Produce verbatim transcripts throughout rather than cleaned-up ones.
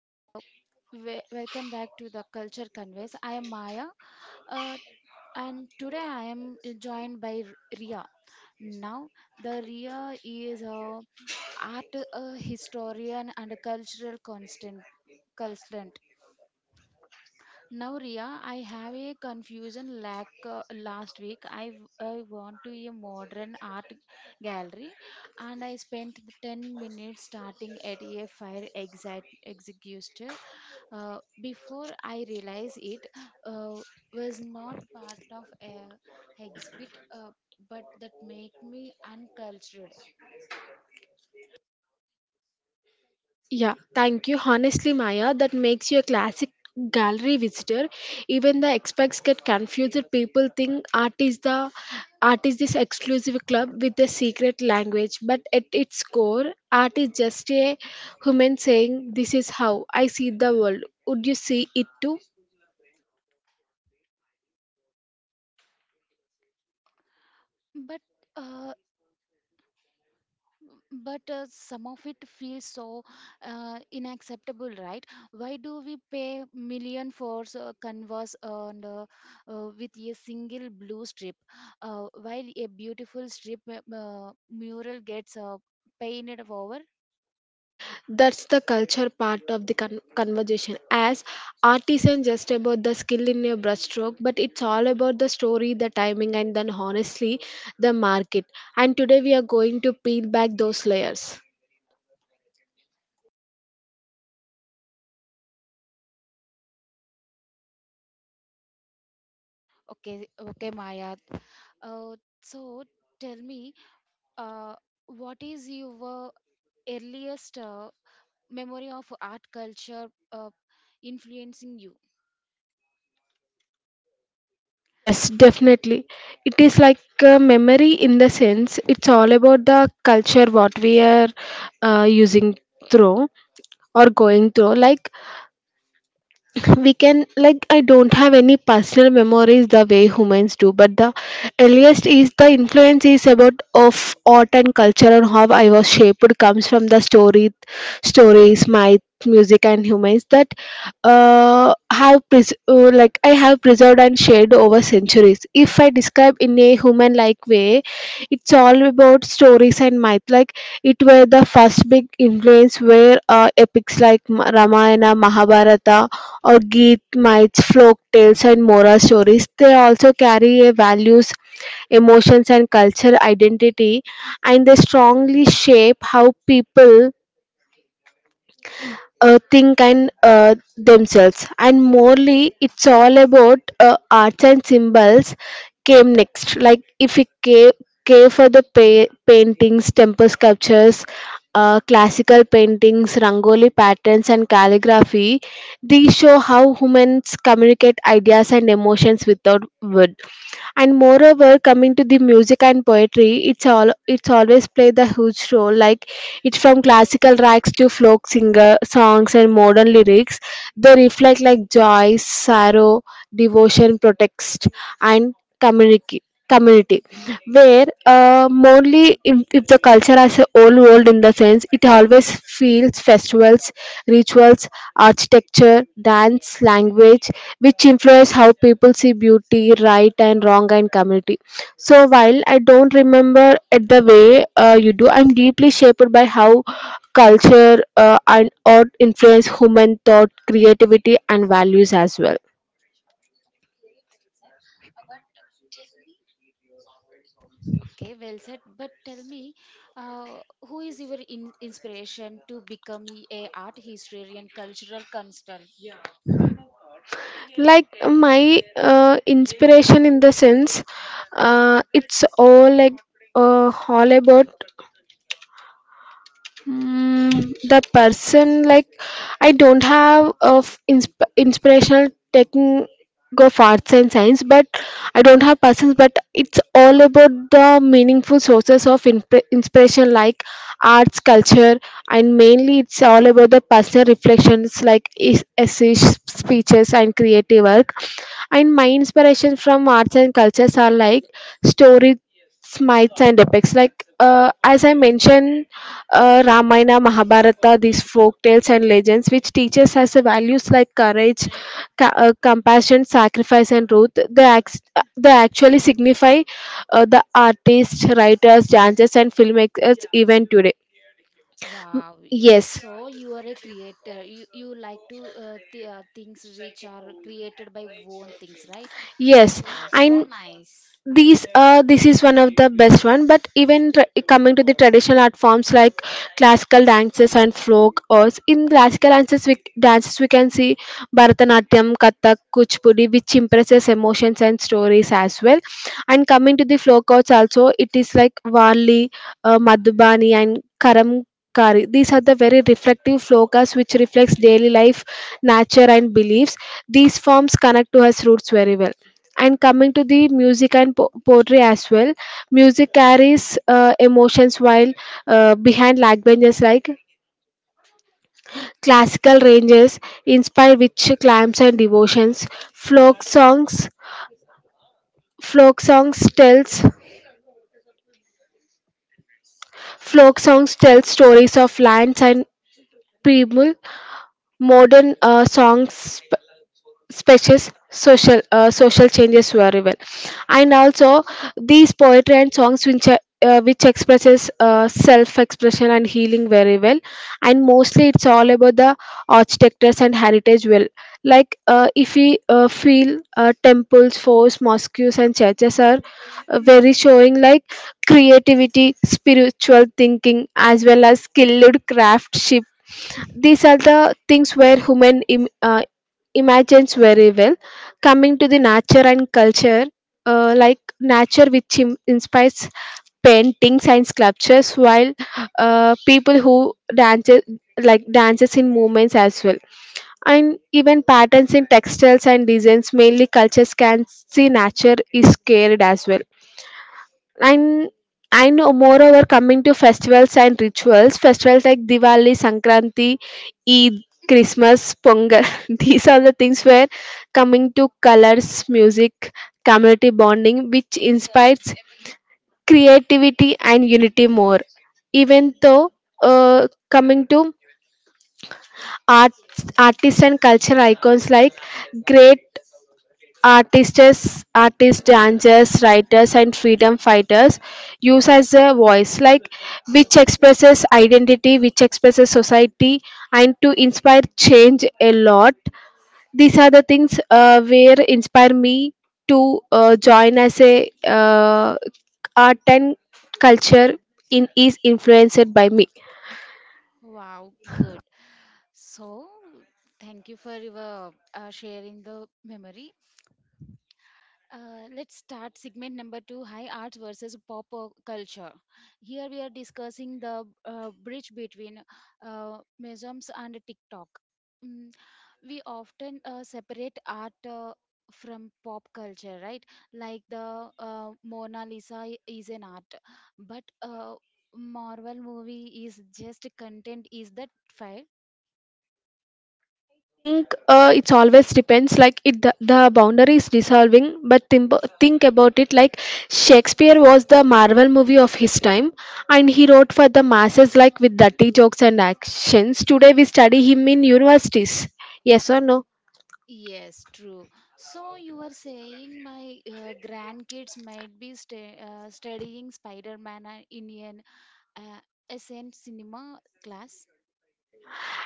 Uh, we- welcome back to The Culture Conveys. I am Maya, uh, and today I am joined by R- Ria. Now, the Ria is a art uh, historian and a cultural constant consultant. Now, Ria, I have a confusion like uh, last week. I, w- I went to a modern art gallery and I spent the ten minutes starting at a fire exit, executor. Uh, before I realized it uh, was not part of a exhibit, uh, but that make me uncultured. Yeah, thank you. Honestly, Maya, that makes you a classic gallery visitor. Even the experts get confused. People think art is the art is this exclusive club with a secret language, but at its core, art is just a human saying, "This is how I see the world." Would you see it too? But Uh, but uh, some of it feels so uh, unacceptable, right? Why do we pay million for uh, canvas and uh, uh, with a single blue strip uh, while a beautiful strip uh, uh, mural gets uh, painted over. That's the culture part of the con- conversation as art isn't just about the skill in your brushstroke but it's all about the story, the timing, and then honestly the market. And today we are going to peel back those layers. okay okay Maya, uh, so tell me, uh, what is your earliest uh, memory of art culture uh, influencing you? Yes, definitely. It is like a memory in the sense it's all about the culture what we are uh, using through or going through. Like we can, like, I don't have any personal memories the way humans do, but the earliest is the influence is about of art and culture and how I was shaped comes from the story stories, myth, music, and humans that uh, have pres- uh, like I have preserved and shared over centuries. If I describe in a human like way, it's all about stories and myth. Like it were the first big influence were uh, epics like Ma- Ramayana, Mahabharata or Geet, mites, folk tales, and moral stories. They also carry a values, emotions, and culture identity, and they strongly shape how people uh, think and uh, themselves. And morely it's all about uh, arts and symbols came next. Like if we care, care for the pa- paintings, temple sculptures, uh, classical paintings, rangoli patterns, and calligraphy, these show how humans communicate ideas and emotions without words. And moreover, coming to the music and poetry, it's all it's always played a huge role. Like it's from classical tracks to folk singer songs and modern lyrics, they reflect like joy, sorrow, devotion, protest, and community community, where uh, mostly if, if the culture has a whole world in the sense it always feels festivals, rituals, architecture, dance, language, which influence how people see beauty, right and wrong, and community. So while I don't remember it the way uh, you do, I'm deeply shaped by how culture uh, and art influence human thought, creativity, and values as well. Okay, well said. But tell me, uh, who is your in- inspiration to become a art historian, cultural consultant? Like my uh, inspiration in the sense, uh, it's all like uh, all about, Mm, the person, like I don't have of insp- inspirational taking go for arts and science, but I don't have persons. But it's all about the meaningful sources of inp- inspiration like arts, culture, and mainly it's all about the personal reflections like es- essays, speeches, and creative work. And my inspiration from arts and cultures are like stories, smites, and epics. Like uh, as I mentioned uh, Ramayana, Mahabharata, these folk tales and legends, which teaches us the values like courage, ca- uh, compassion, sacrifice, and truth. They, act- they actually signify uh, the artists, writers, dancers, and filmmakers even today. Wow, you are Yes, so you are a creator. You you like to uh, th- uh, things which are created by own things, right? yes, So so and nice. these uh, this is one of the best one, but even tra- coming to the traditional art forms like classical dances and folk, or in classical dances we, dances we can see bharatanatyam, kathak, kuchipudi, which impresses emotions and stories as well. And coming to the folk arts also, it is like varli, uh, madhubani, and karamkari. These are the very reflective folk arts which reflects daily life, nature, and beliefs. These forms connect to us roots very well. And coming to the music and po- poetry as well, music carries uh, emotions while uh, behind languages like classical ranges inspire which climbs and devotions. folk songs folk songs tells Folk songs tell stories of lands and people. Modern uh, songs, speeches, social uh, social changes very well. And also these poetry and songs which are uh, which expresses uh, self-expression and healing very well. And mostly it's all about the architectures and heritage well. Like uh, if we uh, feel uh, temples, forts, mosques, and churches are uh, very showing like creativity, spiritual thinking, as well as skilled craftsmanship. These are the things where human Im- uh, imagines very well. Coming to the nature and culture, uh, like nature which Im- inspires paintings and sculptures, while uh, people who dances, like dances in movements as well, and even patterns in textiles and designs, mainly cultures can see nature is scared as well. And and moreover, coming to festivals and rituals, festivals like diwali, sankranti, eid, christmas, pongal, these are the things where, coming to colors, music, community bonding, which inspires creativity and unity more. Even though, uh, coming to art, artists and culture icons like great artists artists, dancers, writers, and freedom fighters use as a voice, like which expresses identity, which expresses society, and to inspire change a lot. These are the things uh, where inspire me to uh, join as a uh, art and culture in is influenced by me. Wow, good. So thank you for your uh, sharing the memory. Uh, let's start segment number two, high arts versus pop uh, culture. Here we are discussing the uh, bridge between uh, museums and TikTok. Mm, we often uh, separate art uh, from pop culture, right? Like the uh, Mona Lisa i- is an art, but uh, Marvel movie is just content. Is that fair? Think, uh, it's always depends, like it the, the boundary is dissolving. But think, think about it. Like Shakespeare was the Marvel movie of his time, and he wrote for the masses like with dirty jokes and actions. Today we study him in universities, yes or no? Yes, true. So you are saying my uh, grandkids might be sta- uh, studying Spider-Man uh, in an uh, S N cinema class.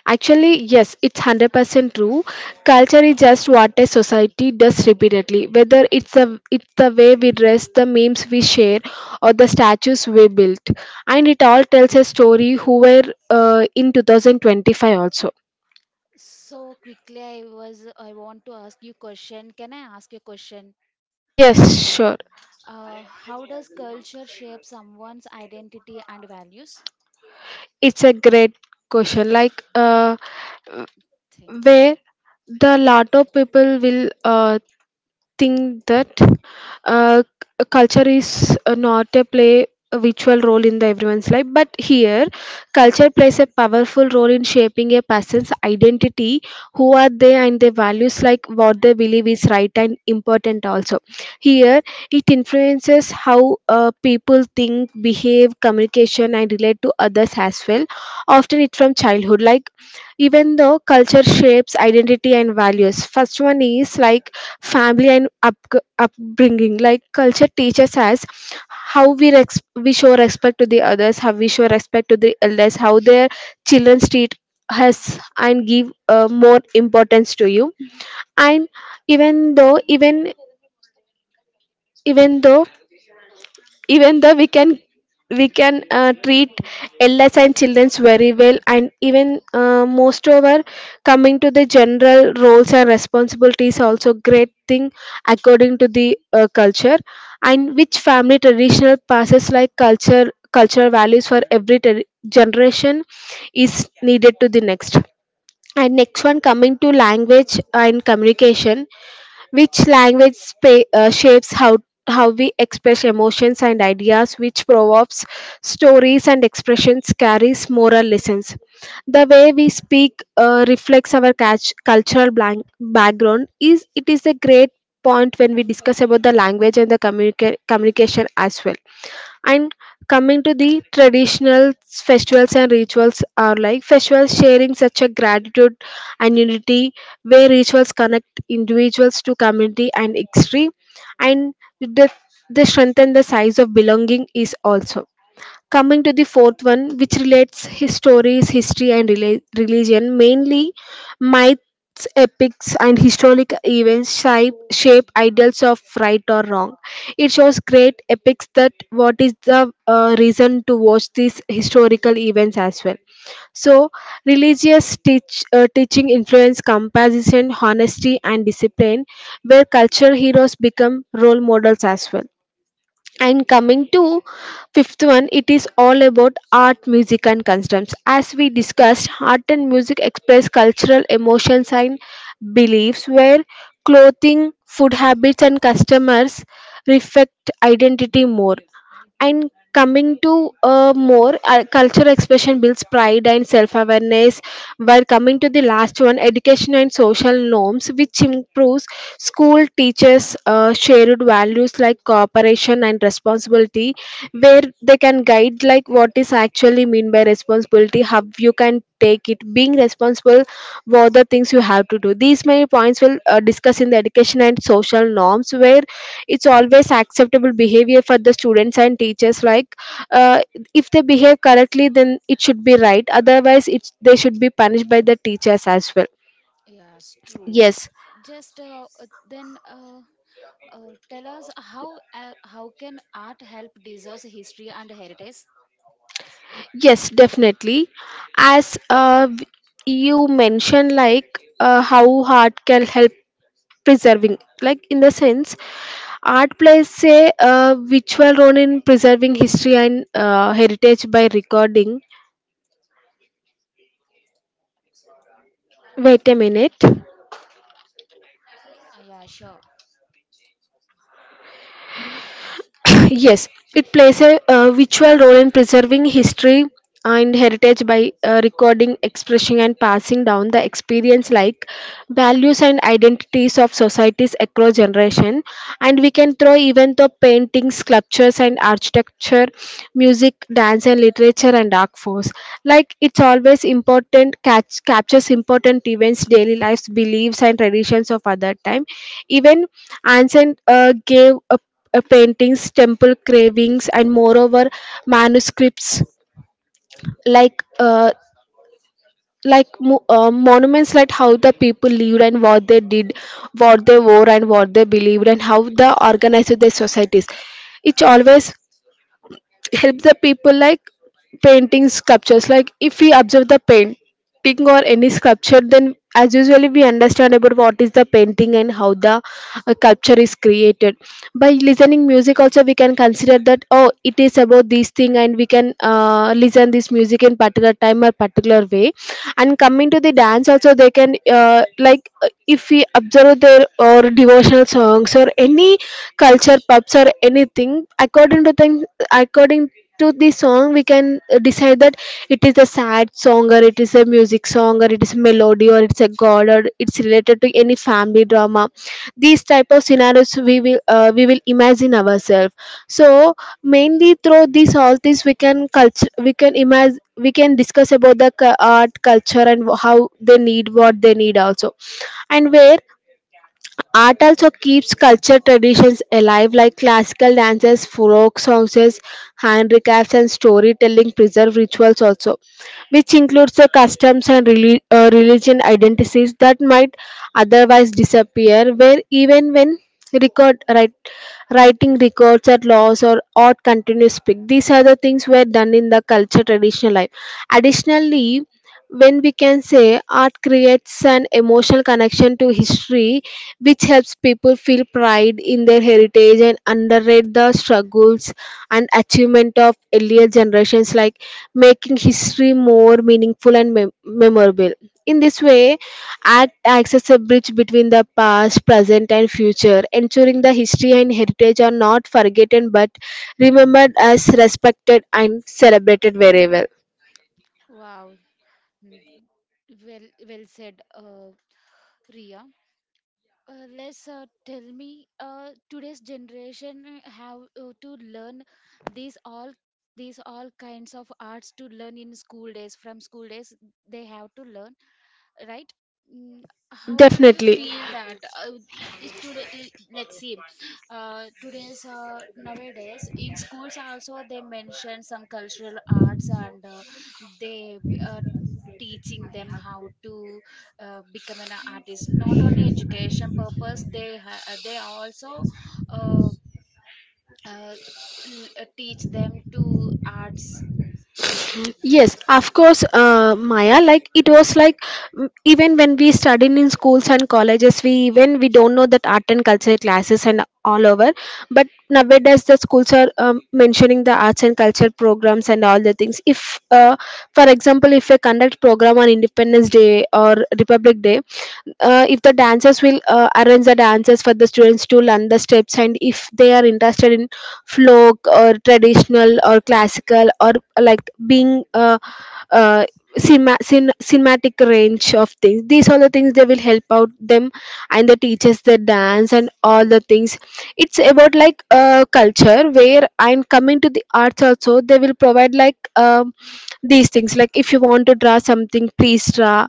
Actually, yes, it's one hundred percent true. Culture is just what a society does repeatedly, whether it's the, it's the way we dress, the memes we share, or the statues we built. And it all tells a story who were uh, in twenty twenty-five also. So quickly, I was I want to ask you question. Can I ask you a question? Yes, sure. Uh, how does culture shape someone's identity and values? It's a great question. Like, uh, Thank you. where the lot of people will uh, think that uh, c- culture is uh, not a play a virtual role in the everyone's life, but here culture plays a powerful role in shaping a person's identity, who are they, and their values, like what they believe is right and important also. Here it influences how uh, people think, behave, communication, and relate to others as well, often it from childhood. Like, even though culture shapes identity and values, first one is like family and up, upbringing. Like culture teaches us how we res- we show respect to the others, how we show respect to the elders, how their children treat us and give uh, more importance to you. And even though, even even though even though we can, we can uh, treat elders and childrens very well. And even uh, most over, coming to the general roles and responsibilities also, great thing, according to the uh, culture, and which family traditional passes like culture cultural values for every ter- generation is needed to the next. And next one, coming to language and communication, which language spa- uh, shapes how how we express emotions and ideas, which proverbs, stories, and expressions carries moral lessons. The way we speak uh, reflects our catch- cultural blank- background. Is it is a great point when we discuss about the language and the communica- communication as well. And coming to the traditional festivals and rituals are like festivals sharing such a gratitude and unity, where rituals connect individuals to community and history, and the, the strengthen the size of belonging is also. Coming to the fourth one, which relates his stories, history, and rela- religion, mainly myths, epics, and historic events shape, shape ideals of right or wrong. It shows great epics that what is the uh, reason to watch these historical events as well. So religious teach, uh, teaching influence composition, honesty, and discipline, where culture heroes become role models as well. And coming to fifth one, it is all about art, music, and customs. As we discussed, art and music express cultural emotions and beliefs, where clothing, food habits, and customers reflect identity more. And coming to uh, more, uh, cultural expression builds pride and self awareness, while coming to the last one, education and social norms, which improves school teachers uh, shared values like cooperation and responsibility, where they can guide like what is actually mean by responsibility, how you can take it, being responsible what the things you have to do. These many points will uh, discuss in the education and social norms where it's always acceptable behavior for the students and teachers. Like uh, if they behave correctly, then it should be right. Otherwise, it's, they should be punished by the teachers as well. Yes, true. Yes, Just uh, uh, then uh, uh, tell us how uh, how can art help deserves history and heritage? yes, definitely. As uh, w- you mentioned, like uh, how art can help preserving, like in the sense, art plays a uh, virtual role in preserving history and uh, heritage by recording. Wait a minute. Yeah, yeah, sure. Yes, it plays a uh, virtual role in preserving history and heritage by uh, recording, expressing, and passing down the experience like values and identities of societies across generation. And we can throw even the paintings, sculptures, and architecture, music, dance, and literature and art force. Like it's always important catch captures important events, daily lives, beliefs, and traditions of other time. Even ancient uh, gave a uh, paintings, temple carvings, and moreover manuscripts like uh, like mo- uh, monuments, like how the people lived and what they did, what they wore and what they believed, and how they organized their societies. It's always help the people like painting sculptures. Like if we observe the painting or any sculpture, then as usually we understand about what is the painting and how the uh, sculpture is created. By listening music also, we can consider that, oh, it is about this thing, and we can uh, listen this music in particular time or particular way. And coming to the dance also, they can uh, like uh, if we observe their or devotional songs or any culture pubs or anything according to them, according to the song we can uh, decide that it is a sad song or it is a music song or it is a melody or it's a god or it's related to any family drama. These type of scenarios we will uh, we will imagine ourselves. So mainly through these, all these we can culture, we can imagine, we can discuss about the cu- art culture and how they need, what they need also, and where. Art also keeps culture traditions alive, like classical dances, folk songs, handicrafts, and storytelling preserve rituals also, which includes the customs and reli- uh, religion identities that might otherwise disappear, where even when record write, writing records or laws or art continues speak, these are the things were done in the culture traditional life. Additionally, when we can say, art creates an emotional connection to history, which helps people feel pride in their heritage and underrate the struggles and achievement of earlier generations, like making history more meaningful and mem- memorable. In this way, art acts as a bridge between the past, present and future, ensuring the history and heritage are not forgotten but remembered as respected and celebrated wherever. Wow. Mm. Well, well said, uh, Ria. Uh, let's uh, tell me, uh, today's generation uh, have uh, to learn these all these all kinds of arts to learn in school days, from school days they have to learn, right? Mm, how would you Definitely. feel that, uh, is today i- let's see, uh, today's uh, nowadays in schools also they mention some cultural arts and uh, they uh, teaching them how to uh, become an artist? Not only education purpose, they ha- uh, they are also uh, uh, l- uh, teach them to arts. Yes, of course, uh, Maya. Like it was like, mm, even when we studied in schools and colleges, we even we don't know that art and culture classes and all over. But nowadays, the schools are um, mentioning the arts and culture programs and all the things. If, uh, for example, if we conduct program on Independence Day or Republic Day, uh, if the dancers will uh, arrange the dances for the students to learn the steps, and if they are interested in folk or traditional or classical or uh, like being uh, uh, cinema, cin- cinematic range of things, these are the things they will help out them and the teachers, the dance and Yes, all true. the things. It's about like uh, culture where. And coming to the arts also, they will provide like um, these things, like if you want to draw something, please draw.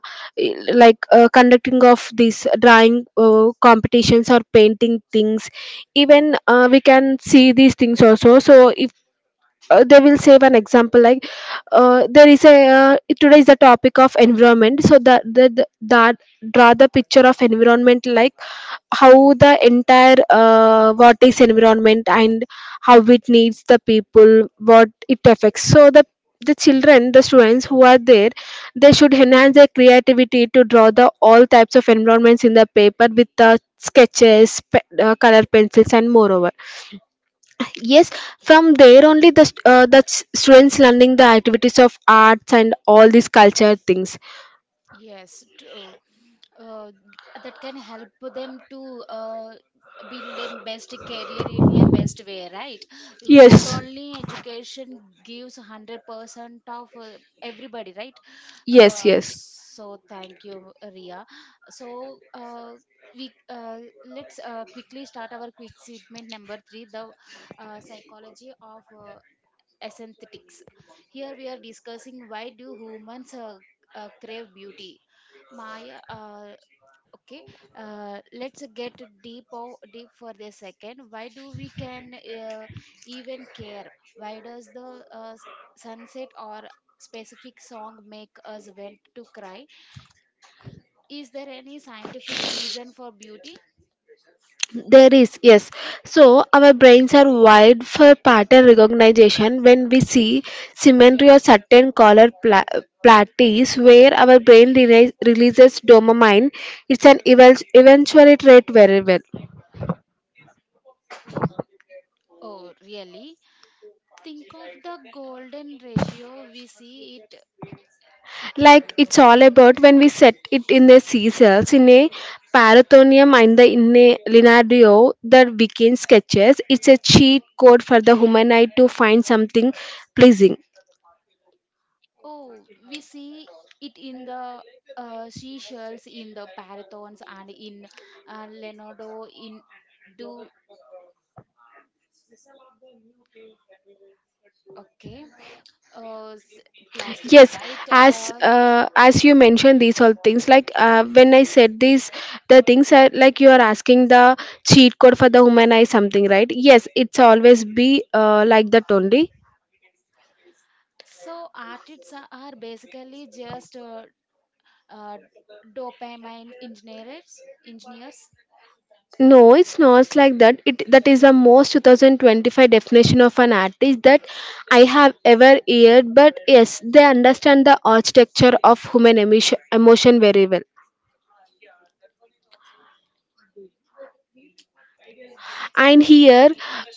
Like uh, conducting of these drawing uh, competitions or painting things, even uh, we can see these things also. So if uh, they will save an example, like uh, there is a uh, today is the topic of environment, so that the, the that draw the picture of environment, like how the entire uh, what is environment and how it needs the people, what it affects. So the the children, the students who are there, they should enhance their creativity to draw the all types of environments in the paper with the sketches, pe- uh, color pencils and moreover, yes, from there only the st- uh, the s- students learning the activities of arts and all these culture things. Yes, true. Uh, uh, that can help them to uh, build a best career in a best way, right? You not yes only education gives one hundred percent of uh, everybody, right? yes Uh, yes So thank you, Ria. So uh, we uh, let's uh, quickly start our quick segment number three, the uh, psychology of uh, aesthetics. Here we are discussing why do humans uh, uh, crave beauty. Maya, uh, okay, uh, let's get deep o- deep for a second. Why do we can uh, even care? Why does the uh, s- sunset or specific song make us want to cry? Is there any scientific reason for beauty? There is, yes. So, our brains are wired for pattern recognition. When we see symmetry or certain color pla- plateaus, where our brain release, releases dopamine, it's an evil, eventually trait very well. Oh, really? Think of the golden ratio. We see it. Like it's all about when we set it in the seashells in a parathonium and the in a linardio the weekend sketches, it's a cheat code for the human eye to find something pleasing. Oh, we see it in the uh, seashells, in the parathons, and in uh, Leonardo in. Okay, uh, s- plastics, Yes, right? as Uh, uh, as you mentioned these all things, like uh, when I said these, the things are like you are asking the cheat code for the human eye something, right? Yes, it's always be uh, like that only. So artists are are basically just uh, uh, dopamine engineers. Engineers, No, it's not like that. It that is the most two thousand twenty-five definition of an artist that I have ever heard. But yes, they understand the architecture of human emotion, emotion very well. And here,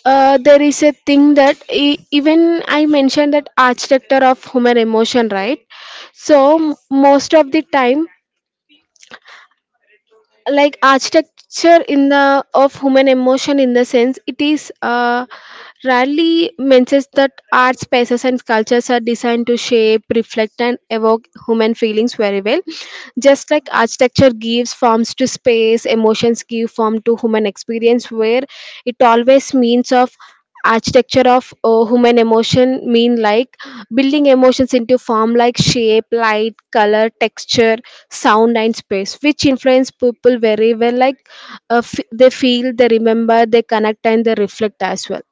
uh, there is a thing that e- even I mentioned that architecture of human emotion, right? So m- yes. most of the time, like architecture in the of human emotion in the sense it is. Uh, Rarely mentions that art spaces and sculptures are designed to shape, reflect, and evoke human feelings very well. Just like architecture gives forms to space, emotions give form to human experience, where it always means of architecture of uh, human emotion mean like building emotions into form, like shape, light, color, texture, sound and space, which influence people very well. Like uh, f- they feel, they remember, they connect and they reflect as well.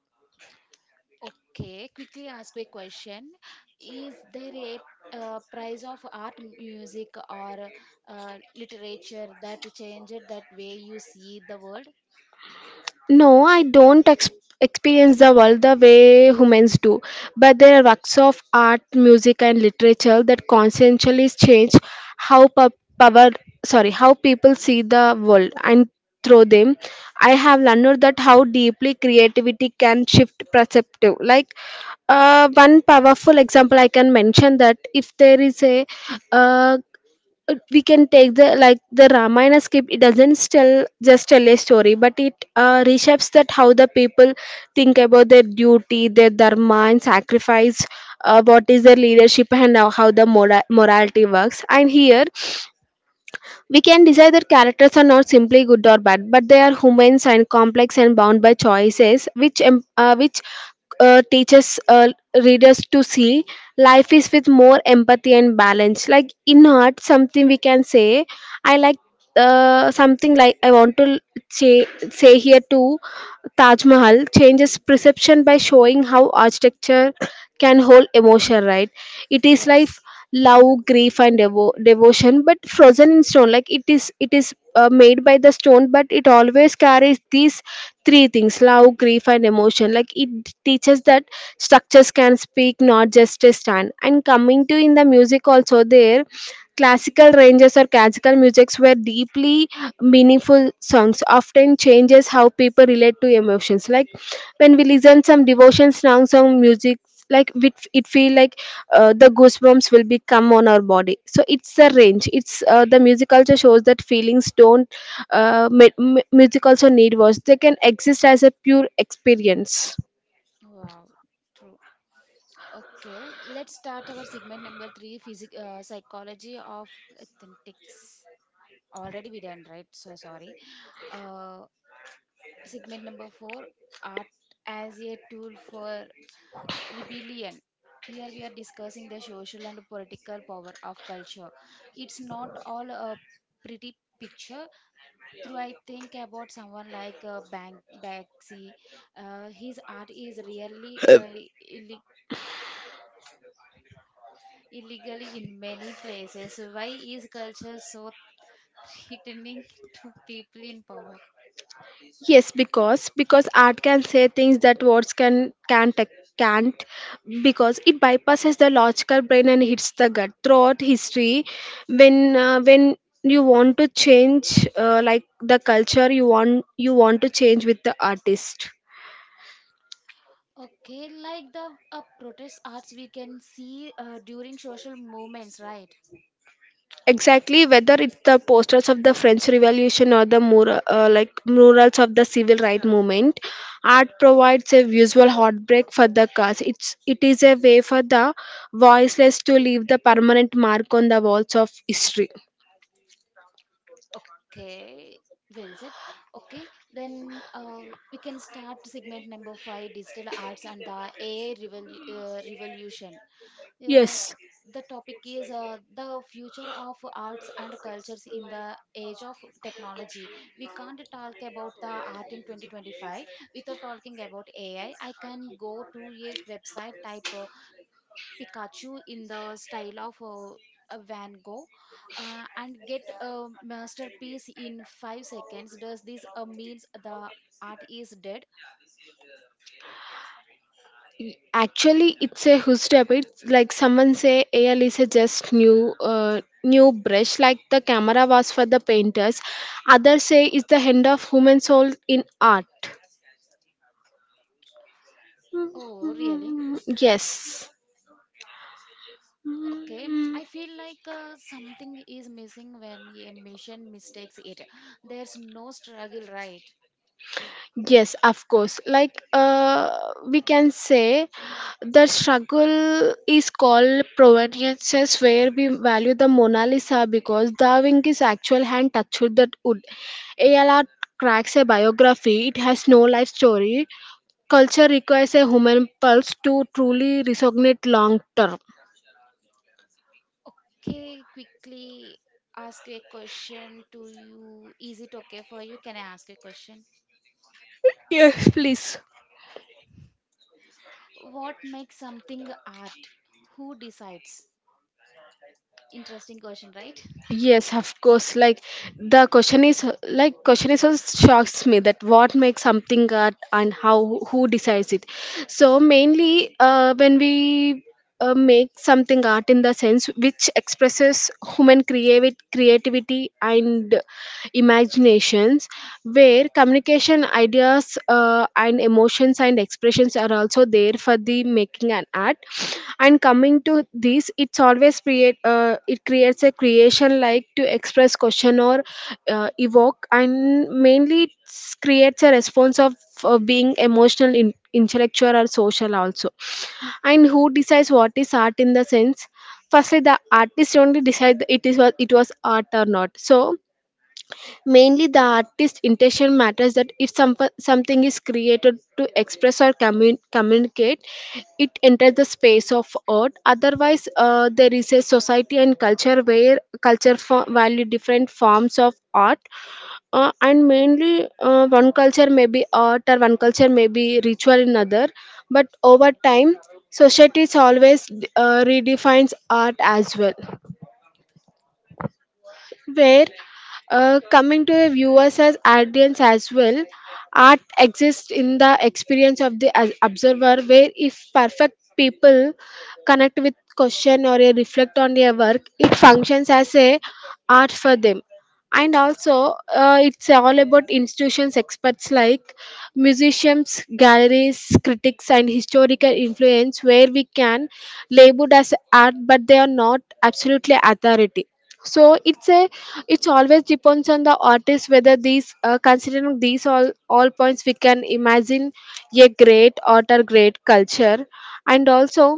Okay, quickly ask a question. Is there a uh, price of art, music, or uh, literature that changed that way you see the world? No, I don't ex- experience the world the way humans do, but there are works of art, music, and literature that constantly change how pu- power, sorry, how people see the world, and through them, I have learned that how deeply creativity can shift perceptive. Like uh, one powerful example I can mention that if there is a uh, uh, we can take the like the ramayana script, it doesn't tell just tell a story, but it uh, reshapes that how the people think about their duty, their dharma and sacrifice, uh, what is their leadership and how, how the mora- morality works. And here we can decide that characters are not simply good or bad, but they are humans and complex and bound by choices, which em- uh, which uh, teaches uh, readers to see life is with more empathy and balance. Like in art, something we can say, I like uh, something like I want to say, say here too. Taj Mahal changes perception by showing how architecture can hold emotion, right? It is like Yes. love, grief, and devo- devotion, but frozen in stone. Like it is, it is uh, made by the stone, but it always carries these three things: love, grief, and emotion. Like it teaches that structures can speak, not just a stand. And coming to in the music also there. Classical ranges or classical musics were deeply meaningful songs, often changes how people relate to emotions. Like when we listen some devotion songs or music, like it, it feel like uh, the goosebumps will become on our body. So it's the range. It's uh, the music also shows that feelings don't. Uh, mu- mu- music also need words. They can exist as a pure experience. Wow, true. Okay, let's start our segment number three, physic uh, psychology of authentics. Already we done, right? So sorry. Uh, Segment number four, art as a tool for rebellion. Here we are discussing the social and political power of culture. It's not all a pretty picture. Through I think about someone like uh, Bank Banksy, uh, his art is really uh, illi- illegally in many places. Why is culture so threatening to people in power? Yes, because because art can say things that words can can't can't, because it bypasses the logical brain and hits the gut. Throughout history, when uh, when you want to change uh, like the culture, you want you want to change with the artist. Okay, like the uh, protest arts we can see uh, during social movements, right? Exactly, whether it's the posters of the French Revolution or the mur- uh, like murals of the civil rights movement, art provides a visual heartbreak for the cause. It's it is a way for the voiceless to leave the permanent mark on the walls of history. Okay, well said. Okay, then uh, we can start segment number five, digital arts and the A I revol- uh, revolution. Uh, Yes. the topic is uh, the future of arts and cultures in the age of technology. We can't talk about the art in twenty twenty-five without talking about A I. I I can go to a website, type uh, Pikachu in the style of uh, a Van Gogh uh, and get a masterpiece in five seconds. Does this uh, means the art is dead? Actually, it's a hookup. It's like someone say A L is a just new uh, new brush, like the camera was for the painters. Others say it's the hand of human soul in art. Oh, really? Mm, yes. Okay, I feel like uh, something is missing when a mission mistakes it. There's no struggle, right? Yes, of course. Like uh, we can say, the struggle is called provenances, where we value the Mona Lisa because Da Vinci's actual hand touched that wood. A L R cracks a biography; it has no life story. Culture requires a human pulse to truly resonate long term. Okay, quickly ask a question to you. Is it okay for you? Can I ask a question? Yes, please. What makes something art? Who decides? Interesting question, right? Yes, of course. Like the question is, like question is also shocks me that what makes something art and how who decides it. So mainly, uh, when we uh, make something art in the sense which expresses human creative creativity and imaginations, where communication communication ideas uh, and emotions and expressions are also there for the making an art. And coming to this, it's always create uh, it creates a creation like to express question or uh, evoke, and mainly it creates a response of uh, being emotional in, intellectual or social also. And who decides what is art in the sense, firstly, the artist only decide it is what it was art or not. So mainly the artist's intention matters, that if some, something is created to express or commun- communicate, it enters the space of art. Otherwise, uh, there is a society and culture where culture fo- value different forms of art. Uh, and mainly, uh, one culture may be art or one culture may be ritual in other, but over time societies always uh, redefines art as well, where uh, coming to the viewers as audience as well, art exists in the experience of the as- observer, where if perfect people connect with question or a reflect on their work, it functions as a art for them. And also, uh, it's all about institutions experts like musicians, galleries, critics and historical influence, where we can labeled as art but they are not absolutely authority. So it's a, it's always depends on the artist whether these uh, considering these all all points we can imagine a great art or great culture. And also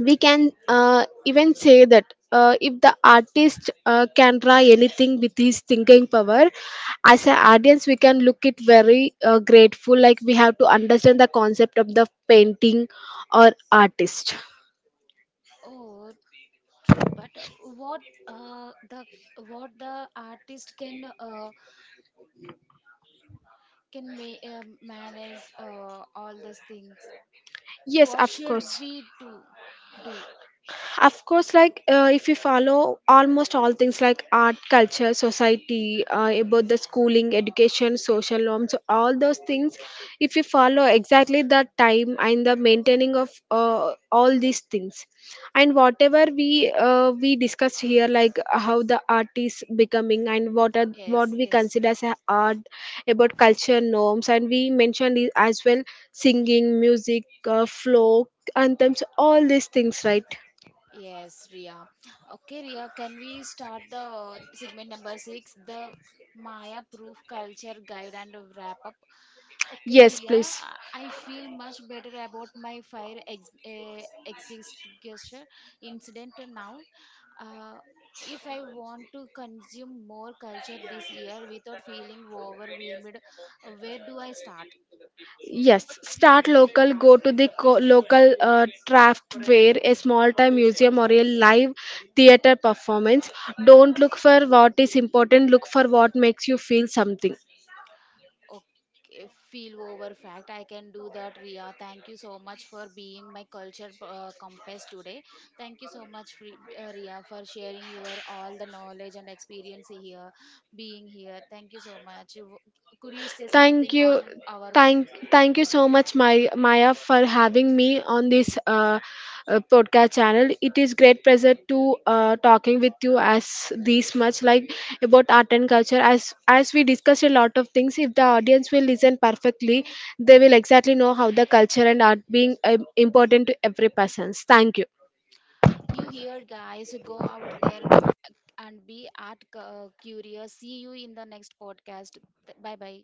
we can uh, even say that uh, if the artist uh, can draw anything with his thinking power, as an audience we can look it very uh, grateful, like we have to understand the concept of the painting or artist. Oh, true. But uh, what uh, the what the artist can uh, can ma- uh, manage uh, all those things? Yes, What of should course. we do? Do Of course, like uh, if you follow almost all things like art, culture, society, uh, about the schooling, education, social norms, so all those things, if you follow exactly the time and the maintaining of uh, all these things, and whatever we uh, we discussed here, like how the art is becoming and what are what yes, we yes, consider true. as a art, about culture norms, and we mentioned it as well, singing, music, uh, folk anthems, all these things, right? Yes, Ria. Okay, Ria, can we start the segment number six, the Maya Proof Culture Guide, and wrap up? Okay, Yes, Ria, please. I I feel much better about my fire ex- eh, extinguisher incident now. Uh, if I want to consume more culture this year without feeling overwhelmed, uh, where do I start? Yes, start local. Go to the co- local uh, craft fair, a small time museum, or a live theater performance. Don't look for what is important, look for what makes you feel something. Okay, feel over fact. I can do that, Ria. Thank you so much for being my culture uh, compass today. Thank you so much, Fri- uh, Ria, for sharing your all the knowledge and experience here, being here. Thank you so much. You could you say Thank something on you. our. Thank, thank you so much, Mai- Maya, for having me on this uh, uh, podcast channel. It is great pleasure to uh, talking with you as this much, like about art and culture. As as we discussed a lot of things, if the audience will listen perfectly, they will exactly know how the culture and art being um, important to every person. Thank you. You hear, guys, go out there and be art cu- curious. See you in the next podcast. Bye bye.